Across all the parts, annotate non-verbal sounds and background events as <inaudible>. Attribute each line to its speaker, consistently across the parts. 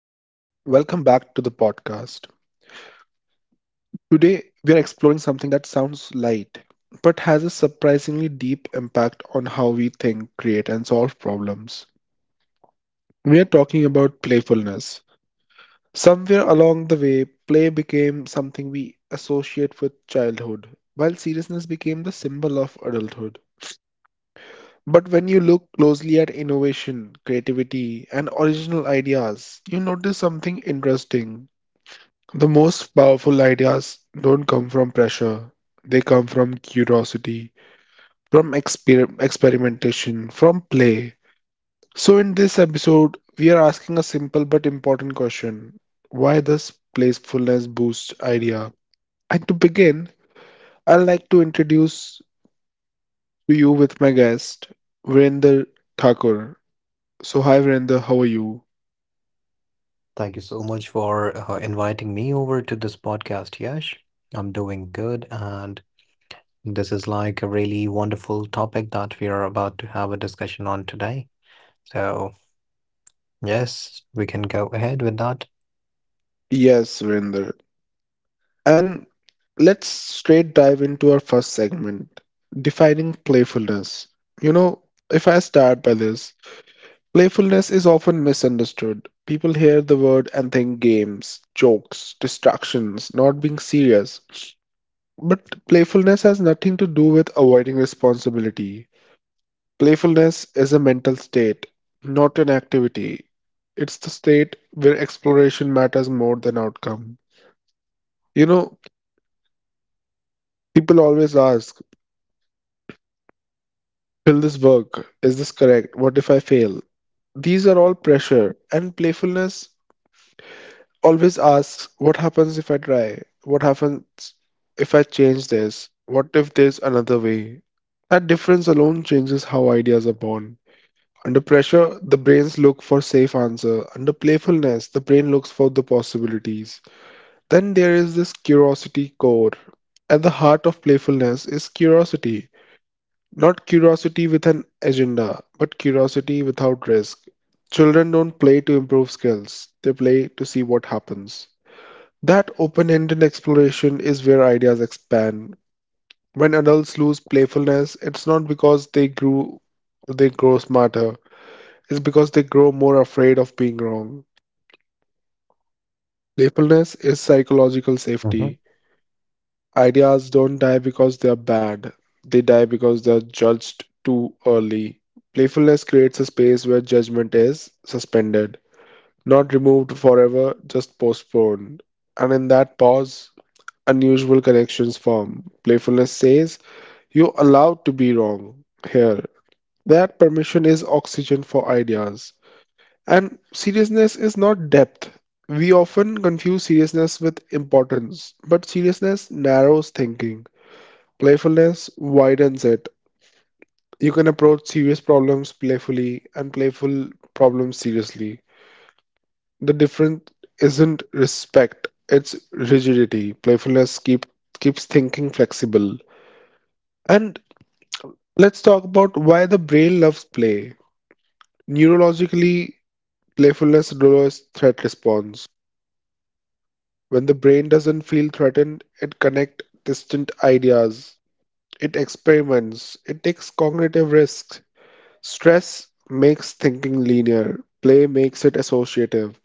Speaker 1: back to the podcast. Today, we are exploring something that sounds light, but has a surprisingly deep impact on how we think, create, and solve problems. We are talking about playfulness. Somewhere along the way, play became something we associate with childhood, while seriousness became the symbol of adulthood. But when you look closely at innovation, creativity, and original ideas, you notice something interesting. The most powerful ideas don't come from pressure. They come from curiosity, from experimentation, from play. So, in this episode, we are asking a simple but important question. Why does playfulness boost idea? And to begin, I'd like to introduce to you with my guest, Virender Thakur. So, hi Virender, how are you?
Speaker 2: Thank you so much for inviting me over to this podcast, Yash. I'm doing good, and this is like a really wonderful topic that we are about to have a discussion on today. So, yes, we can go ahead with that.
Speaker 1: Yes, Virender. And let's straight dive into our first segment, defining playfulness. You know, if I start by this, playfulness is often misunderstood. People hear the word and think games, jokes, distractions, not being serious. But playfulness has nothing to do with avoiding responsibility. Playfulness is a mental state, not an activity. It's the state where exploration matters more than outcome. You know, people always ask, will this work? Is this correct? What if I fail? These are all pressure, and playfulness always asks, what happens if I try? What happens if I change this? What if there's another way? That difference alone changes how ideas are born. Under pressure, the brains look for safe answer. Under playfulness, the brain looks for the possibilities. Then there is this curiosity core. At the heart of playfulness is curiosity. Not curiosity with an agenda, but curiosity without risk. Children don't play to improve skills, they play to see what happens. That open ended exploration is where ideas expand. When adults lose playfulness, it's not because they grow smarter, it's because they grow more afraid of being wrong. Playfulness is psychological
Speaker 2: Mm-hmm.
Speaker 1: safety. Ideas don't die because they are bad, they die because they are judged too early. Playfulness creates a space where judgment is suspended, not removed forever, just postponed. And in that pause, unusual connections form. Playfulness says, you're allowed to be wrong here. That permission is oxygen for ideas. And seriousness is not depth. We often confuse seriousness with importance, but seriousness narrows thinking. Playfulness widens it. You can approach serious problems playfully and playful problems seriously. The difference isn't respect, it's rigidity. Keeps thinking flexible. And let's talk about why the brain loves play. Neurologically, playfulness lowers threat response. When the brain doesn't feel threatened, it connects distant ideas. It experiments. It takes cognitive risks. Stress makes thinking linear, play makes it associative.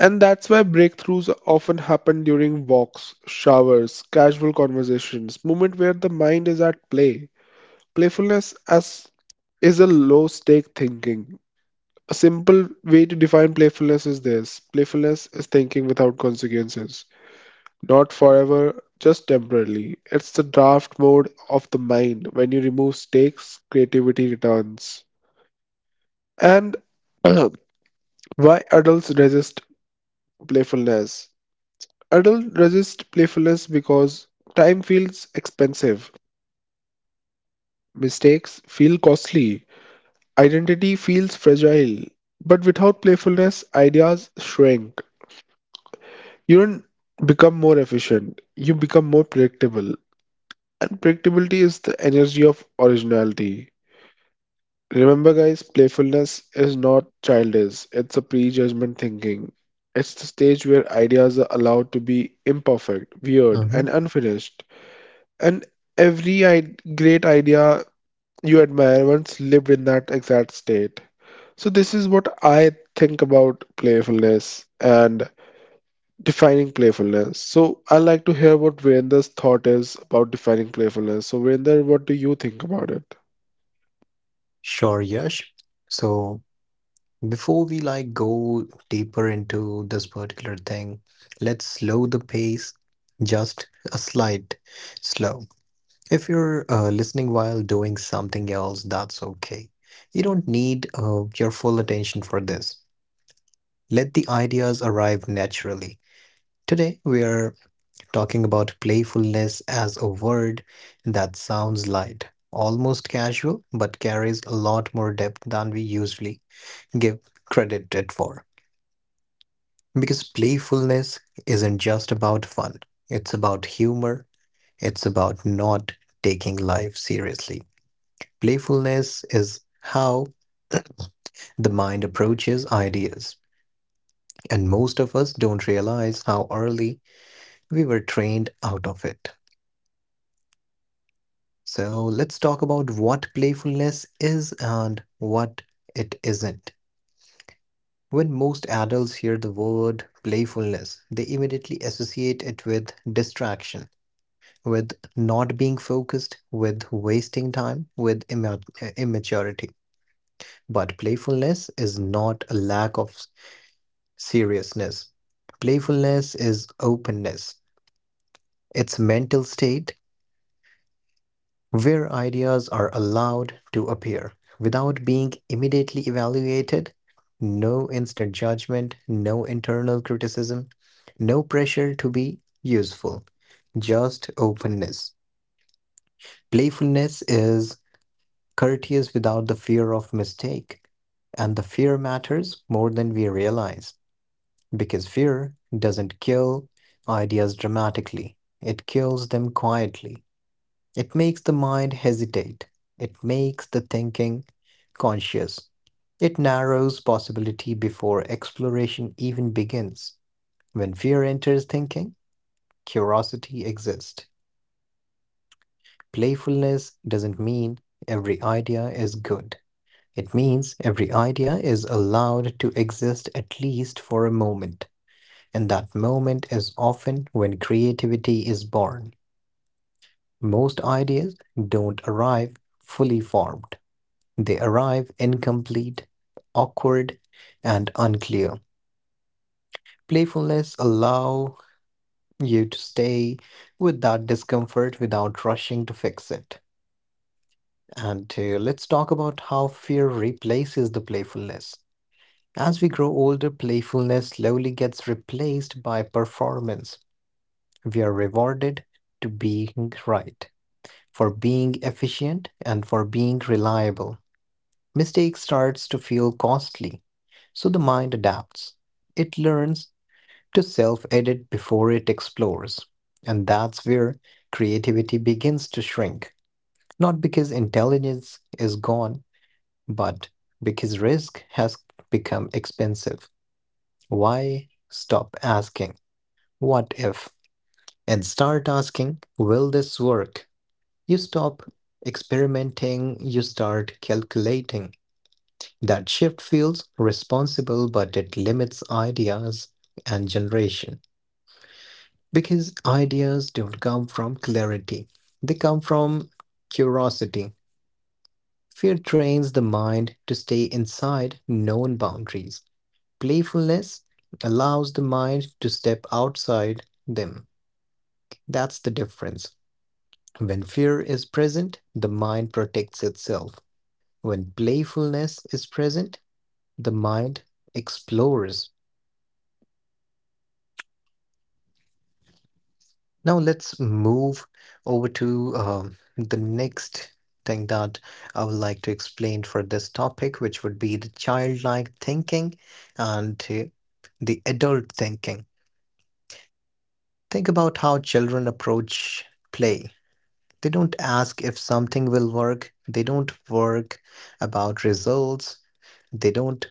Speaker 1: And that's why breakthroughs often happen during walks, showers, casual conversations, moment where the mind is at play. Playfulness as is a low stake thinking. A simple way to define playfulness is this. Playfulness is thinking without consequences. Not forever, just temporarily. It's the draft mode of the mind. When you remove stakes, creativity returns. And <clears throat> why adults resist playfulness? Adults resist playfulness because time feels expensive, mistakes feel costly, identity feels fragile. But without playfulness, ideas shrink. You don't become more efficient, you become more predictable. And predictability is the energy of originality. Remember, guys, playfulness is not childish, it's a prejudgment thinking. It's the stage where ideas are allowed to be imperfect, weird, and
Speaker 2: Mm-hmm.
Speaker 1: unfinished. And every great idea you admire once lived in that exact state. So, this is what I think about playfulness and defining playfulness. So, I'd like to hear what Virendra's thought is about defining playfulness. So, Virendra, what do you think about it?
Speaker 2: Sure, Yash. So, before we go deeper into this particular thing, let's slow the pace just a slight slow. If you're listening while doing something else, that's okay. You don't need your full attention for this. Let the ideas arrive naturally. Today, we are talking about playfulness as a word that sounds light, almost casual, but carries a lot more depth than we usually give credit it for. Because playfulness isn't just about fun, it's about humor, it's about not taking life seriously. Playfulness is how the mind approaches ideas, and most of us don't realize how early we were trained out of it. So, let's talk about what playfulness is and what it isn't. When most adults hear the word playfulness, they immediately associate it with distraction, with not being focused, with wasting time, with immaturity. But playfulness is not a lack of seriousness. Playfulness is openness, it's a mental state where ideas are allowed to appear without being immediately evaluated. No instant judgment, no internal criticism, no pressure to be useful, just openness. Playfulness is courteous without the fear of mistake, and the fear matters more than we realize. Because fear doesn't kill ideas dramatically, it kills them quietly. It makes the mind hesitate, it makes the thinking conscious, it narrows possibility before exploration even begins. When fear enters thinking, curiosity exists. Playfulness doesn't mean every idea is good. It means every idea is allowed to exist at least for a moment. And that moment is often when creativity is born. Most ideas don't arrive fully formed, they arrive incomplete, awkward, and unclear. Playfulness allows you to stay with that discomfort without rushing to fix it. And Let's talk about how fear replaces the playfulness. As we grow older, playfulness slowly gets replaced by performance. We are rewarded to being right, for being efficient and for being reliable. Mistake starts to feel costly, so the mind adapts. It learns to self edit before it explores. And that's where creativity begins to shrink. Not because intelligence is gone, but because risk has become expensive. Why stop asking, what if? And start asking, will this work? You stop experimenting, you start calculating. That shift feels responsible, but it limits ideas and generation. Because ideas don't come from clarity, they come from curiosity. Fear trains the mind to stay inside known boundaries. Playfulness allows the mind to step outside them. That's the difference. When fear is present, the mind protects itself. When playfulness is present, the mind explores. Now let's move over to the next thing that I would like to explain for this topic, which would be the childlike thinking and the adult thinking. Think about how children approach play. They don't ask if something will work, they don't work about results, they don't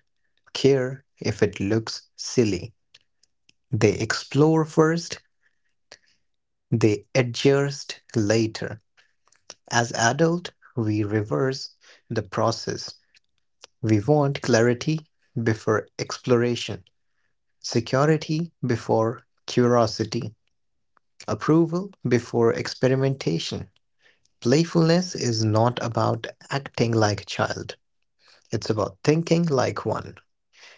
Speaker 2: care if it looks silly. They explore first, they adjust later. As adult, we reverse the process. We want clarity before exploration, security before curiosity, approval before experimentation. Playfulness is not about acting like a child. It's about thinking like one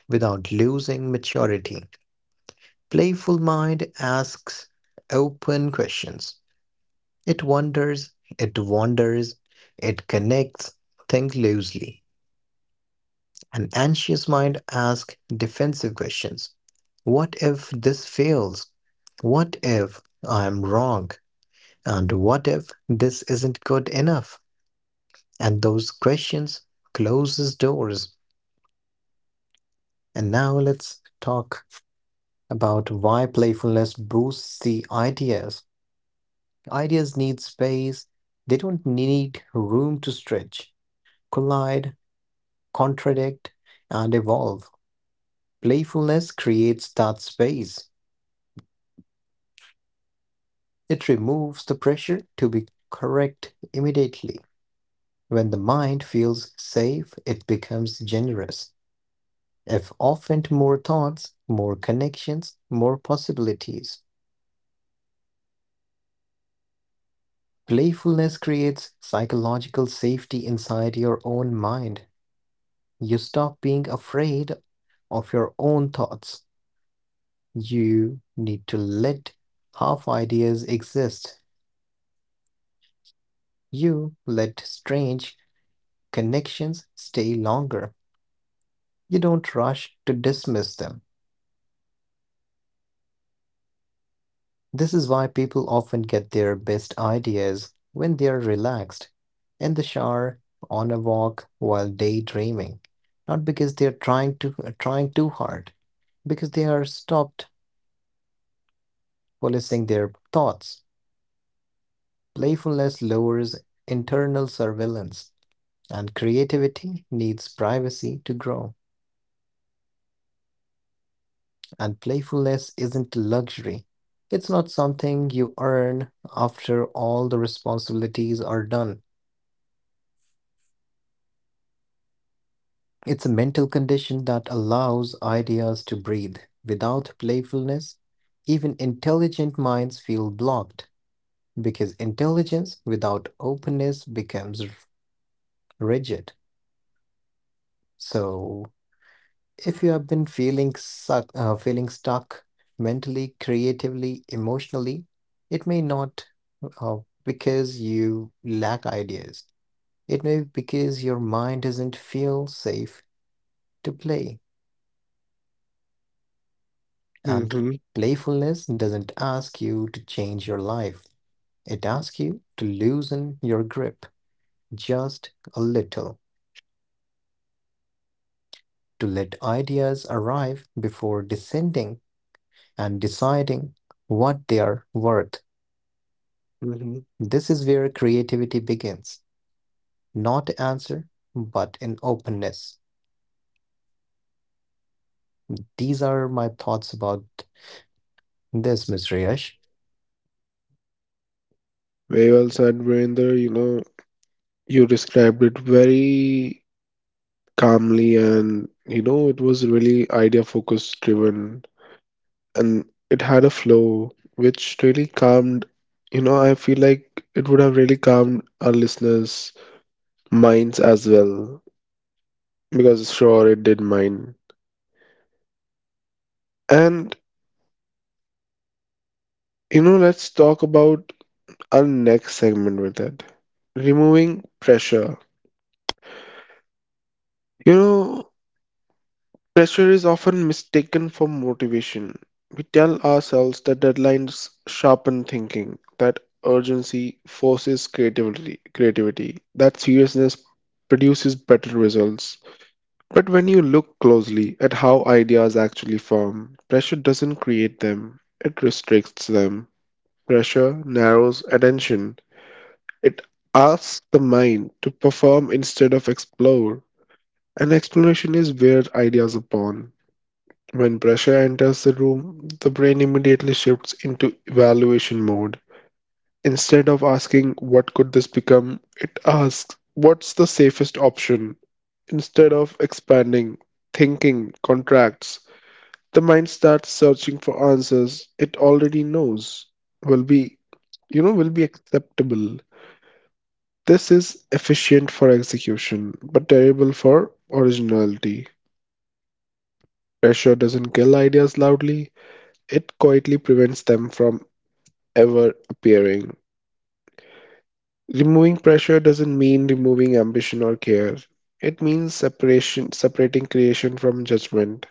Speaker 2: without losing maturity. Playful mind asks open questions. It wanders, it wanders, it connects, think loosely. An anxious mind asks defensive questions. What if this fails? What if I'm wrong? And what if this isn't good enough? And those questions closes doors. And now let's talk about why playfulness boosts the ideas. Ideas need space. They don't need room to stretch, collide, contradict, and evolve. Playfulness creates that space. It removes the pressure to be correct immediately. When the mind feels safe, it becomes generous. If often to more thoughts, more connections, more possibilities. Playfulness creates psychological safety inside your own mind. You stop being afraid of your own thoughts. You need to let half ideas exist. You let strange connections stay longer. You don't rush to dismiss them. This is why people often get their best ideas when they are relaxed, in the shower, on a walk, while daydreaming. Not because they are trying too hard, because they are stopped policing their thoughts. Playfulness lowers internal surveillance, and creativity needs privacy to grow. And playfulness isn't luxury. It's not something you earn after all the responsibilities are done. It's a mental condition that allows ideas to breathe. Without playfulness, even intelligent minds feel blocked because intelligence without openness becomes rigid. So, if you have been feeling stuck mentally, creatively, emotionally, it may not uh, because you lack ideas. It may be because your mind doesn't feel safe to play, and
Speaker 1: Hmm
Speaker 2: playfulness doesn't ask you to change your life. It asks you to loosen your grip just a little, to let ideas arrive before descending and deciding what they are worth.
Speaker 1: hmm
Speaker 2: This is where creativity begins. Not answer, but in openness. These are my thoughts about this, Mr. Yash.
Speaker 1: Very well said, Virender. You know, you described it very calmly and, you know, it was really idea focused driven and it had a flow which really calmed, you know, I feel like it would have really calmed our listeners' minds as well because sure it did mine. And, you know, let's talk about our next segment with it. Removing pressure. You know, pressure is often mistaken for motivation. We tell ourselves that deadlines sharpen thinking, that urgency forces creativity, that seriousness produces better results. But when you look closely at how ideas actually form, pressure doesn't create them, it restricts them. Pressure narrows attention, it asks the mind to perform instead of explore. And exploration is where ideas are born. When pressure enters the room, the brain immediately shifts into evaluation mode. Instead of asking, what could this become? It asks, what's the safest option? Instead of expanding, thinking, contracts, the mind starts searching for answers it already knows will be, will be acceptable. This is efficient for execution, but terrible for originality. Pressure doesn't kill ideas loudly, it quietly prevents them from ever appearing. Removing pressure doesn't mean removing ambition or care. It means separating creation from judgment.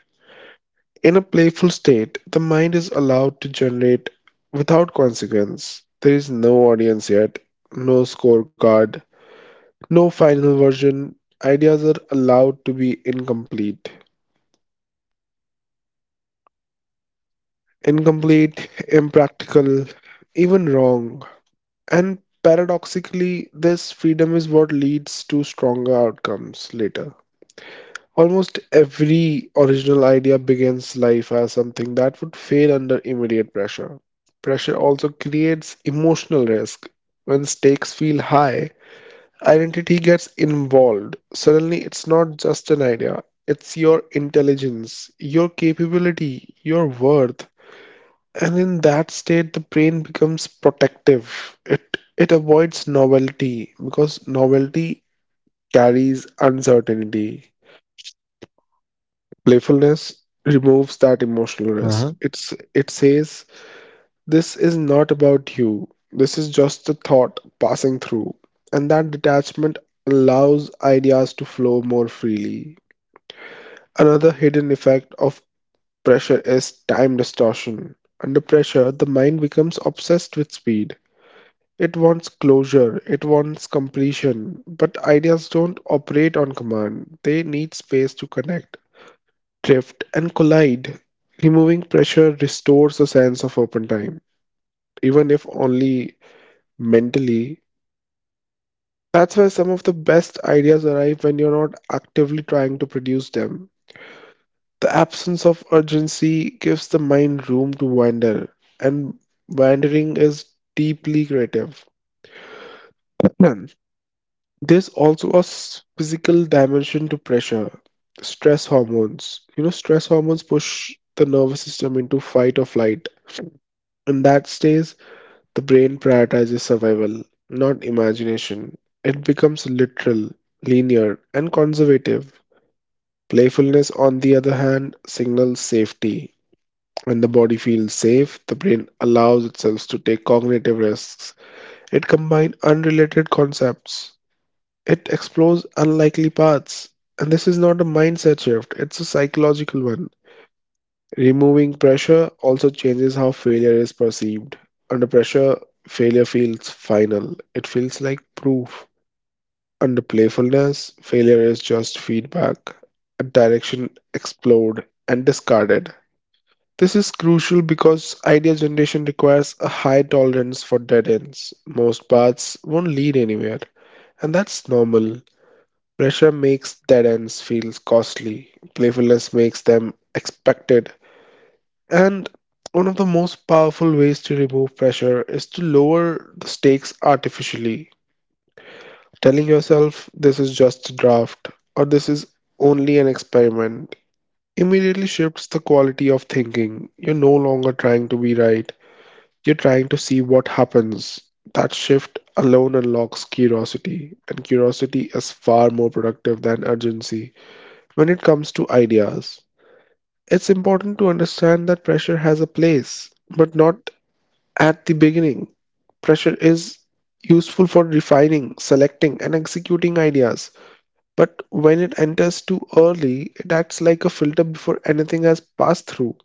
Speaker 1: In a playful state, the mind is allowed to generate without consequence. There is no audience yet, no scorecard, no final version. Ideas are allowed to be Incomplete, impractical, even wrong. And paradoxically, this freedom is what leads to stronger outcomes later. Almost every original idea begins life as something that would fail under immediate pressure. Pressure also creates emotional risk. When stakes feel high, identity gets involved. Suddenly, it's not just an idea, it's your intelligence, your capability, your worth. And in that state, the brain becomes protective. It avoids novelty because novelty carries uncertainty. Playfulness removes that emotional
Speaker 2: Uh-huh,
Speaker 1: risk. It says this is not about you. This is just a thought passing through. And that detachment allows ideas to flow more freely. Another hidden effect of pressure is time distortion. Under pressure, the mind becomes obsessed with speed. It wants closure, it wants completion, but ideas don't operate on command. They need space to connect, drift, and collide. Removing pressure restores a sense of open time, even if only mentally. That's why some of the best ideas arrive when you're not actively trying to produce them. The absence of urgency gives the mind room to wander, and wandering is deeply creative. Hmm. There's also a physical dimension to pressure. Stress hormones. You know, stress hormones push the nervous system into fight or flight. In that stage, the brain prioritizes survival, not imagination. It becomes literal, linear, and conservative. Playfulness, on the other hand, signals safety. When the body feels safe, the brain allows itself to take cognitive risks. It combines unrelated concepts. It explores unlikely paths, and this is not a mindset shift, it's a psychological one. Removing pressure also changes how failure is perceived. Under pressure, failure feels final, it feels like proof. Under playfulness, failure is just feedback, a direction explored and discarded. This is crucial because idea generation requires a high tolerance for dead ends. Most paths won't lead anywhere, and that's normal. Pressure makes dead ends feel costly, playfulness makes them expected. And one of the most powerful ways to remove pressure is to lower the stakes artificially. Telling yourself this is just a draft or this is only an experiment immediately shifts the quality of thinking. You're no longer trying to be right, you're trying to see what happens. That shift alone unlocks curiosity, and curiosity is far more productive than urgency. When it comes to ideas, it's important to understand that pressure has a place, but not at the beginning. Pressure is useful for refining, selecting, and executing ideas, but when it enters too early, it acts like a filter before anything has passed through.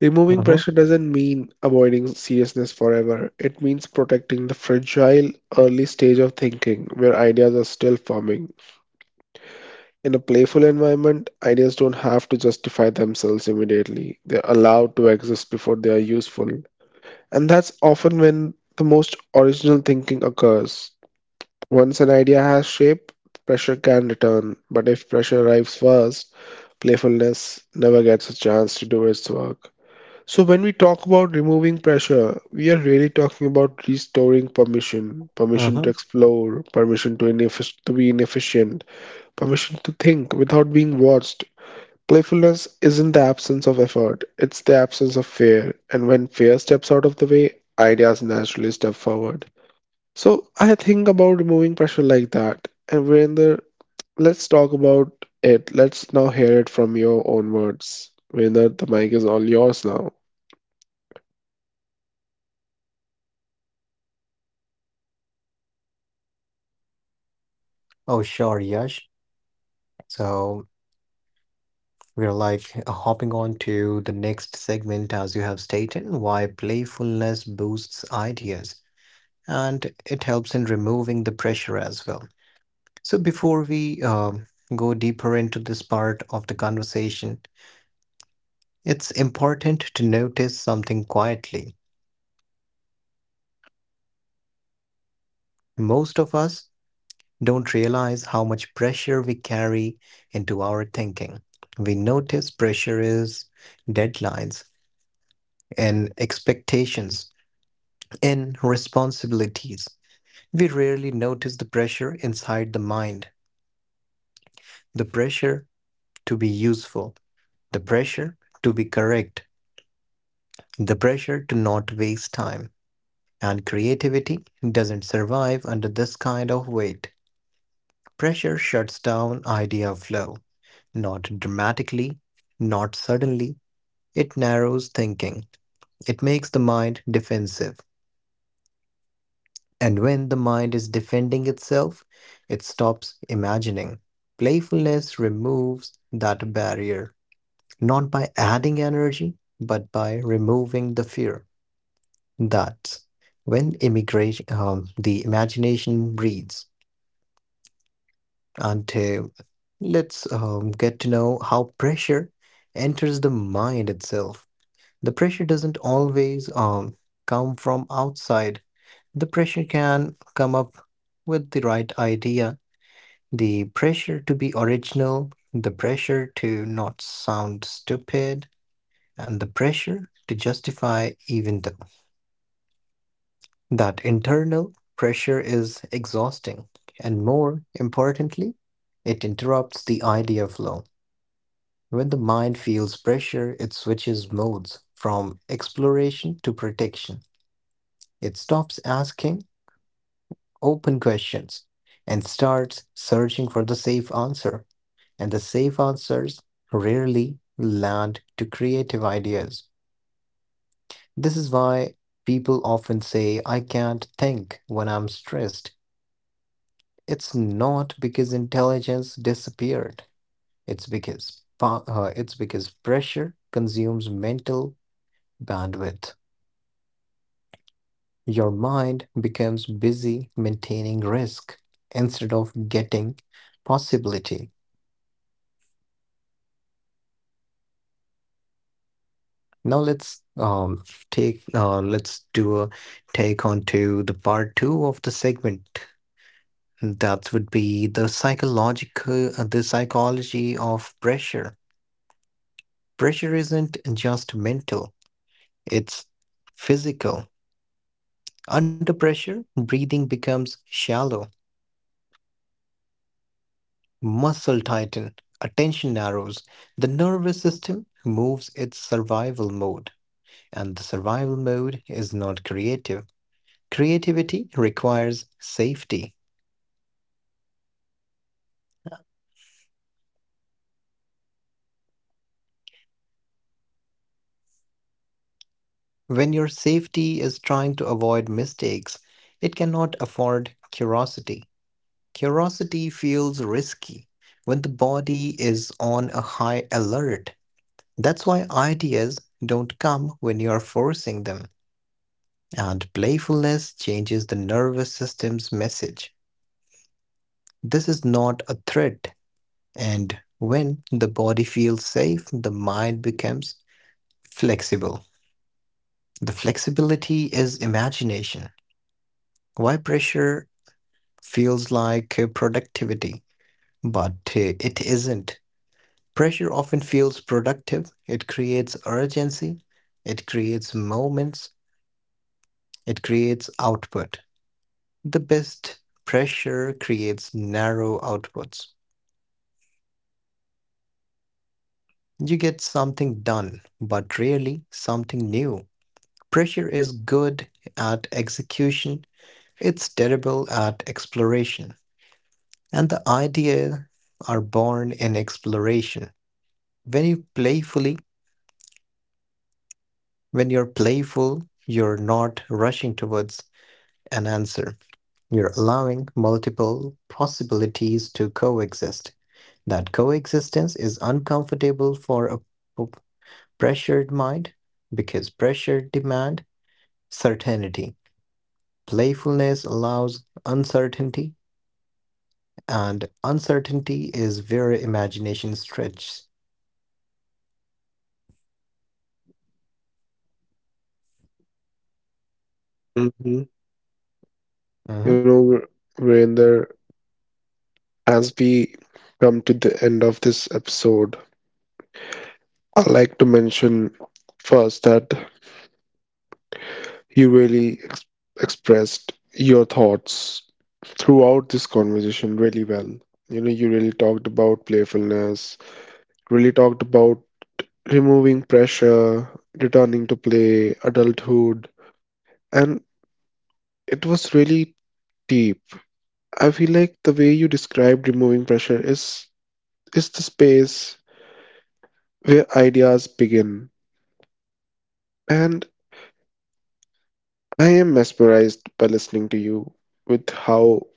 Speaker 1: Removing
Speaker 2: uh-huh,
Speaker 1: pressure doesn't mean avoiding seriousness forever. It means protecting the fragile early stage of thinking where ideas are still forming. In a playful environment, ideas don't have to justify themselves immediately. They're allowed to exist before they are useful. And that's often when the most original thinking occurs. Once an idea has shape, pressure can return. But if pressure arrives first, playfulness never gets a chance to do its work. So, when we talk about removing pressure, we are really talking about restoring permission
Speaker 2: uh-huh.
Speaker 1: to explore, permission to be inefficient. Permission to think without being watched. Playfulness isn't the absence of effort, it's the absence of fear. And when fear steps out of the way, ideas naturally step forward. So I think about removing pressure like that. And Virender, let's talk about it. Let's now hear it from your own words. Virender, the mic is all yours now.
Speaker 2: Oh, sure, Yash. So we're hopping on to the next segment, as you have stated, why playfulness boosts ideas and it helps in removing the pressure as well. So before we go deeper into this part of the conversation, it's important to notice something quietly. Most of us don't realize how much pressure we carry into our thinking. We notice pressure is deadlines and expectations and responsibilities. We rarely notice the pressure inside the mind, the pressure to be useful, the pressure to be correct, the pressure to not waste time. And creativity doesn't survive under this kind of weight. Pressure shuts down idea flow, not dramatically, not suddenly. It narrows thinking, it makes the mind defensive. And when the mind is defending itself, it stops imagining. Playfulness removes that barrier, not by adding energy, but by removing the fear. That's when the imagination breathes. And Let's get to know how pressure enters the mind itself. The pressure doesn't always come from outside. The pressure can come up with the right idea, the pressure to be original, the pressure to not sound stupid, and the pressure to justify even though. That internal pressure is exhausting, and more importantly, it interrupts the idea flow. When the mind feels pressure, it switches modes from exploration to protection. It stops asking open questions and starts searching for the safe answer. And the safe answers rarely land to creative ideas. This is why people often say, I can't think when I'm stressed. It's not because intelligence disappeared. It's it's because pressure consumes mental bandwidth. Your mind becomes busy maintaining risk instead of getting possibility. Now let's take let's do a take on to the part two of the segment. That would be the psychology of pressure. Pressure isn't just mental; it's physical. Under pressure, breathing becomes shallow, muscle tighten, attention narrows, the nervous system moves its survival mode, and the survival mode is not creative. Creativity requires safety. When your safety is trying to avoid mistakes, it cannot afford curiosity. Curiosity feels risky when the body is on a high alert. That's why ideas don't come when you are forcing them, and playfulness changes the nervous system's message. This is not a threat, and when the body feels safe, the mind becomes flexible. The flexibility is imagination. Why pressure feels like productivity, but it isn't. Pressure often feels productive, it creates urgency, it creates moments, it creates output. The best pressure creates narrow outputs. You get something done, but rarely something new. Pressure is good at execution, it's terrible at exploration. And the ideas are born in exploration. When you playfully, when you're playful, you're not rushing towards an answer. You're allowing multiple possibilities to coexist. That coexistence is uncomfortable for a pressured mind because pressure demand certainty. Playfulness allows uncertainty, and uncertainty is where imagination stretches.
Speaker 1: Hmm You
Speaker 2: Hmm.
Speaker 1: know, Virender, as we come to the end of this episode, I'd like to mention first that you really expressed your thoughts throughout this conversation really well. You know, you really talked about playfulness, really talked about removing pressure, returning to play, adulthood, and it was really deep. I feel like the way you described removing pressure is the space where ideas begin. And I am mesmerized by listening to you with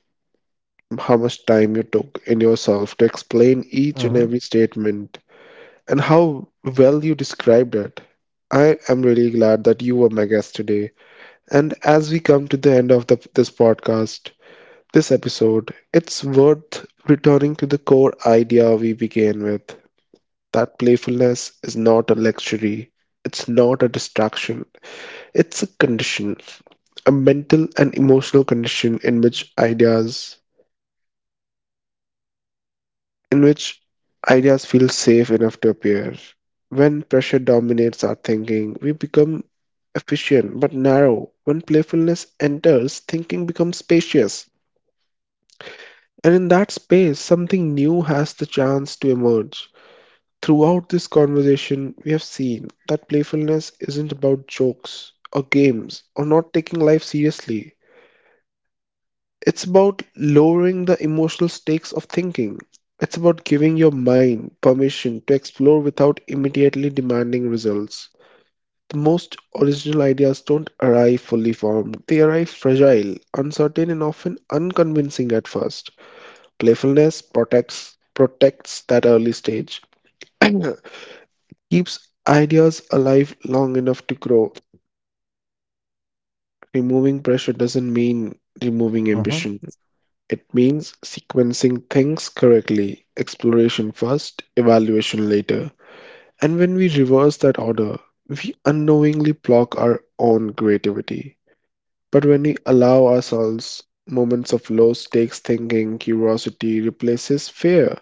Speaker 1: how much time you took in yourself to explain each and
Speaker 2: Hmm.
Speaker 1: every statement and how well you described it. I am really glad that you were my guest today. And as we come to the end of this podcast, this episode, it's worth returning to the core idea we began with that playfulness is not a luxury, it's not a distraction, it's a condition, a mental and emotional condition in which in which ideas feel safe enough to appear. When pressure dominates our thinking, we become efficient but narrow. When playfulness enters, thinking becomes spacious. And in that space, something new has the chance to emerge. Throughout this conversation, we have seen that playfulness isn't about jokes or games or not taking life seriously. It's about lowering the emotional stakes of thinking. It's about giving your mind permission to explore without immediately demanding results. The most original ideas don't arrive fully formed, they arrive fragile, uncertain, and often unconvincing at first. Protects that early stage, <clears throat> keeps ideas alive long enough to grow. Removing pressure doesn't mean removing
Speaker 2: Hmm.
Speaker 1: ambition. It means sequencing things correctly, exploration first, evaluation later. And when we reverse that order, we unknowingly block our own creativity. But when we allow ourselves moments of low stakes thinking, curiosity replaces fear.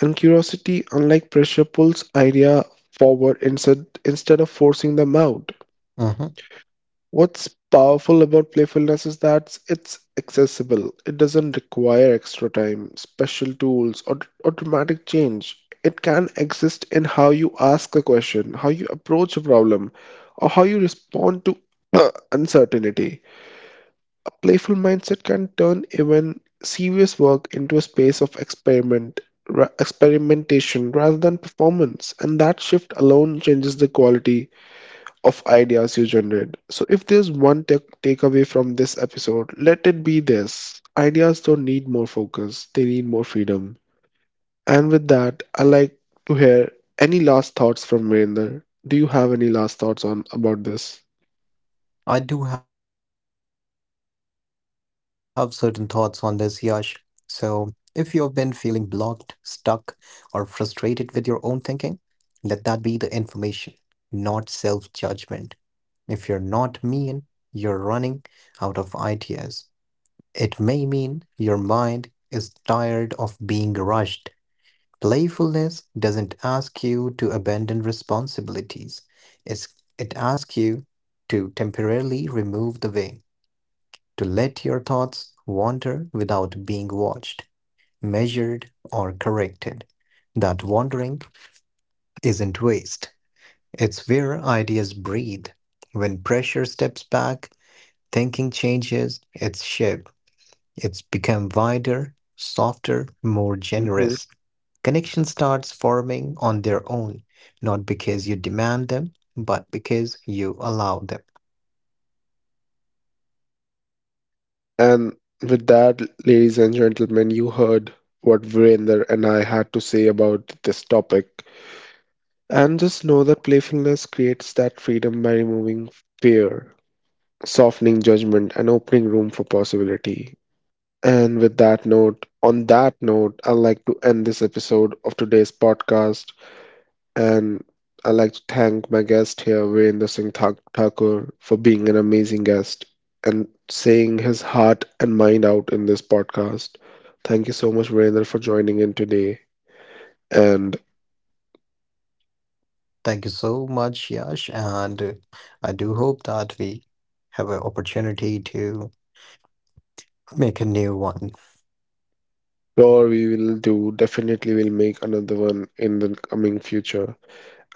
Speaker 1: And curiosity, unlike pressure, pulls idea forward instead of forcing them out.
Speaker 2: Hmm.
Speaker 1: What's powerful about playfulness is that it's accessible. It doesn't require extra time, special tools, or dramatic change. It can exist in how you ask a question, how you approach a problem, or how you respond to uncertainty. A playful mindset can turn even serious work into a space of experiment, experimentation rather than performance, and that shift alone changes the quality of ideas you generate. So, if there's one tech takeaway from this episode, let it be this: ideas don't need more focus, they need more freedom. And with that, I like to hear any last thoughts from Virender. Do you have any last thoughts on about this?
Speaker 2: I do have certain thoughts on this, Yash. So, if you have been feeling blocked, stuck, or frustrated with your own thinking, let that be the information, not self judgment. If you're not mean, you're running out of ideas. It may mean your mind is tired of being rushed. Playfulness doesn't ask you to abandon responsibilities. It's, it asks you to temporarily remove the way, to let your thoughts wander without being watched, measured, or corrected. That wandering isn't waste. It's where ideas breathe. When pressure steps back, thinking changes its shape. It's become wider, softer, more
Speaker 1: Hmm
Speaker 2: generous. Connection starts forming on their own, not because you demand them, but because you allow them.
Speaker 1: And with that, ladies and gentlemen, you heard what Virender and I had to say about this topic. And just know that playfulness creates that freedom by removing fear, softening judgment and opening room for possibility. And with on that note, I'd like to end this episode of today's podcast. And I'd like to thank my guest here, Virendra Singh Thakur, for being an amazing guest and saying his heart and mind out in this podcast. Thank you so much, Virendra, for joining in today. And
Speaker 2: Thank you so much, Yash, and I do hope that we have an opportunity to make a new one.
Speaker 1: sure, we will do, definitely, we'll make another one in the coming future.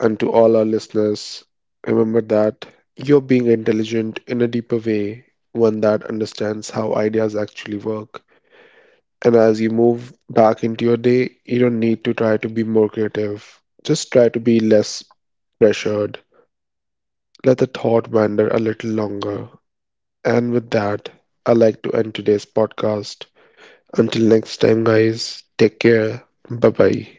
Speaker 1: And to all our listeners, remember that you're being intelligent in a deeper way, one that understands how ideas actually work. And as you move back into your day, you don't need to try to be more creative. Just try to be less pressured. Let the thought wander a little longer. And with that, I'd like to end today's podcast. Until next time, guys, take care. Bye bye.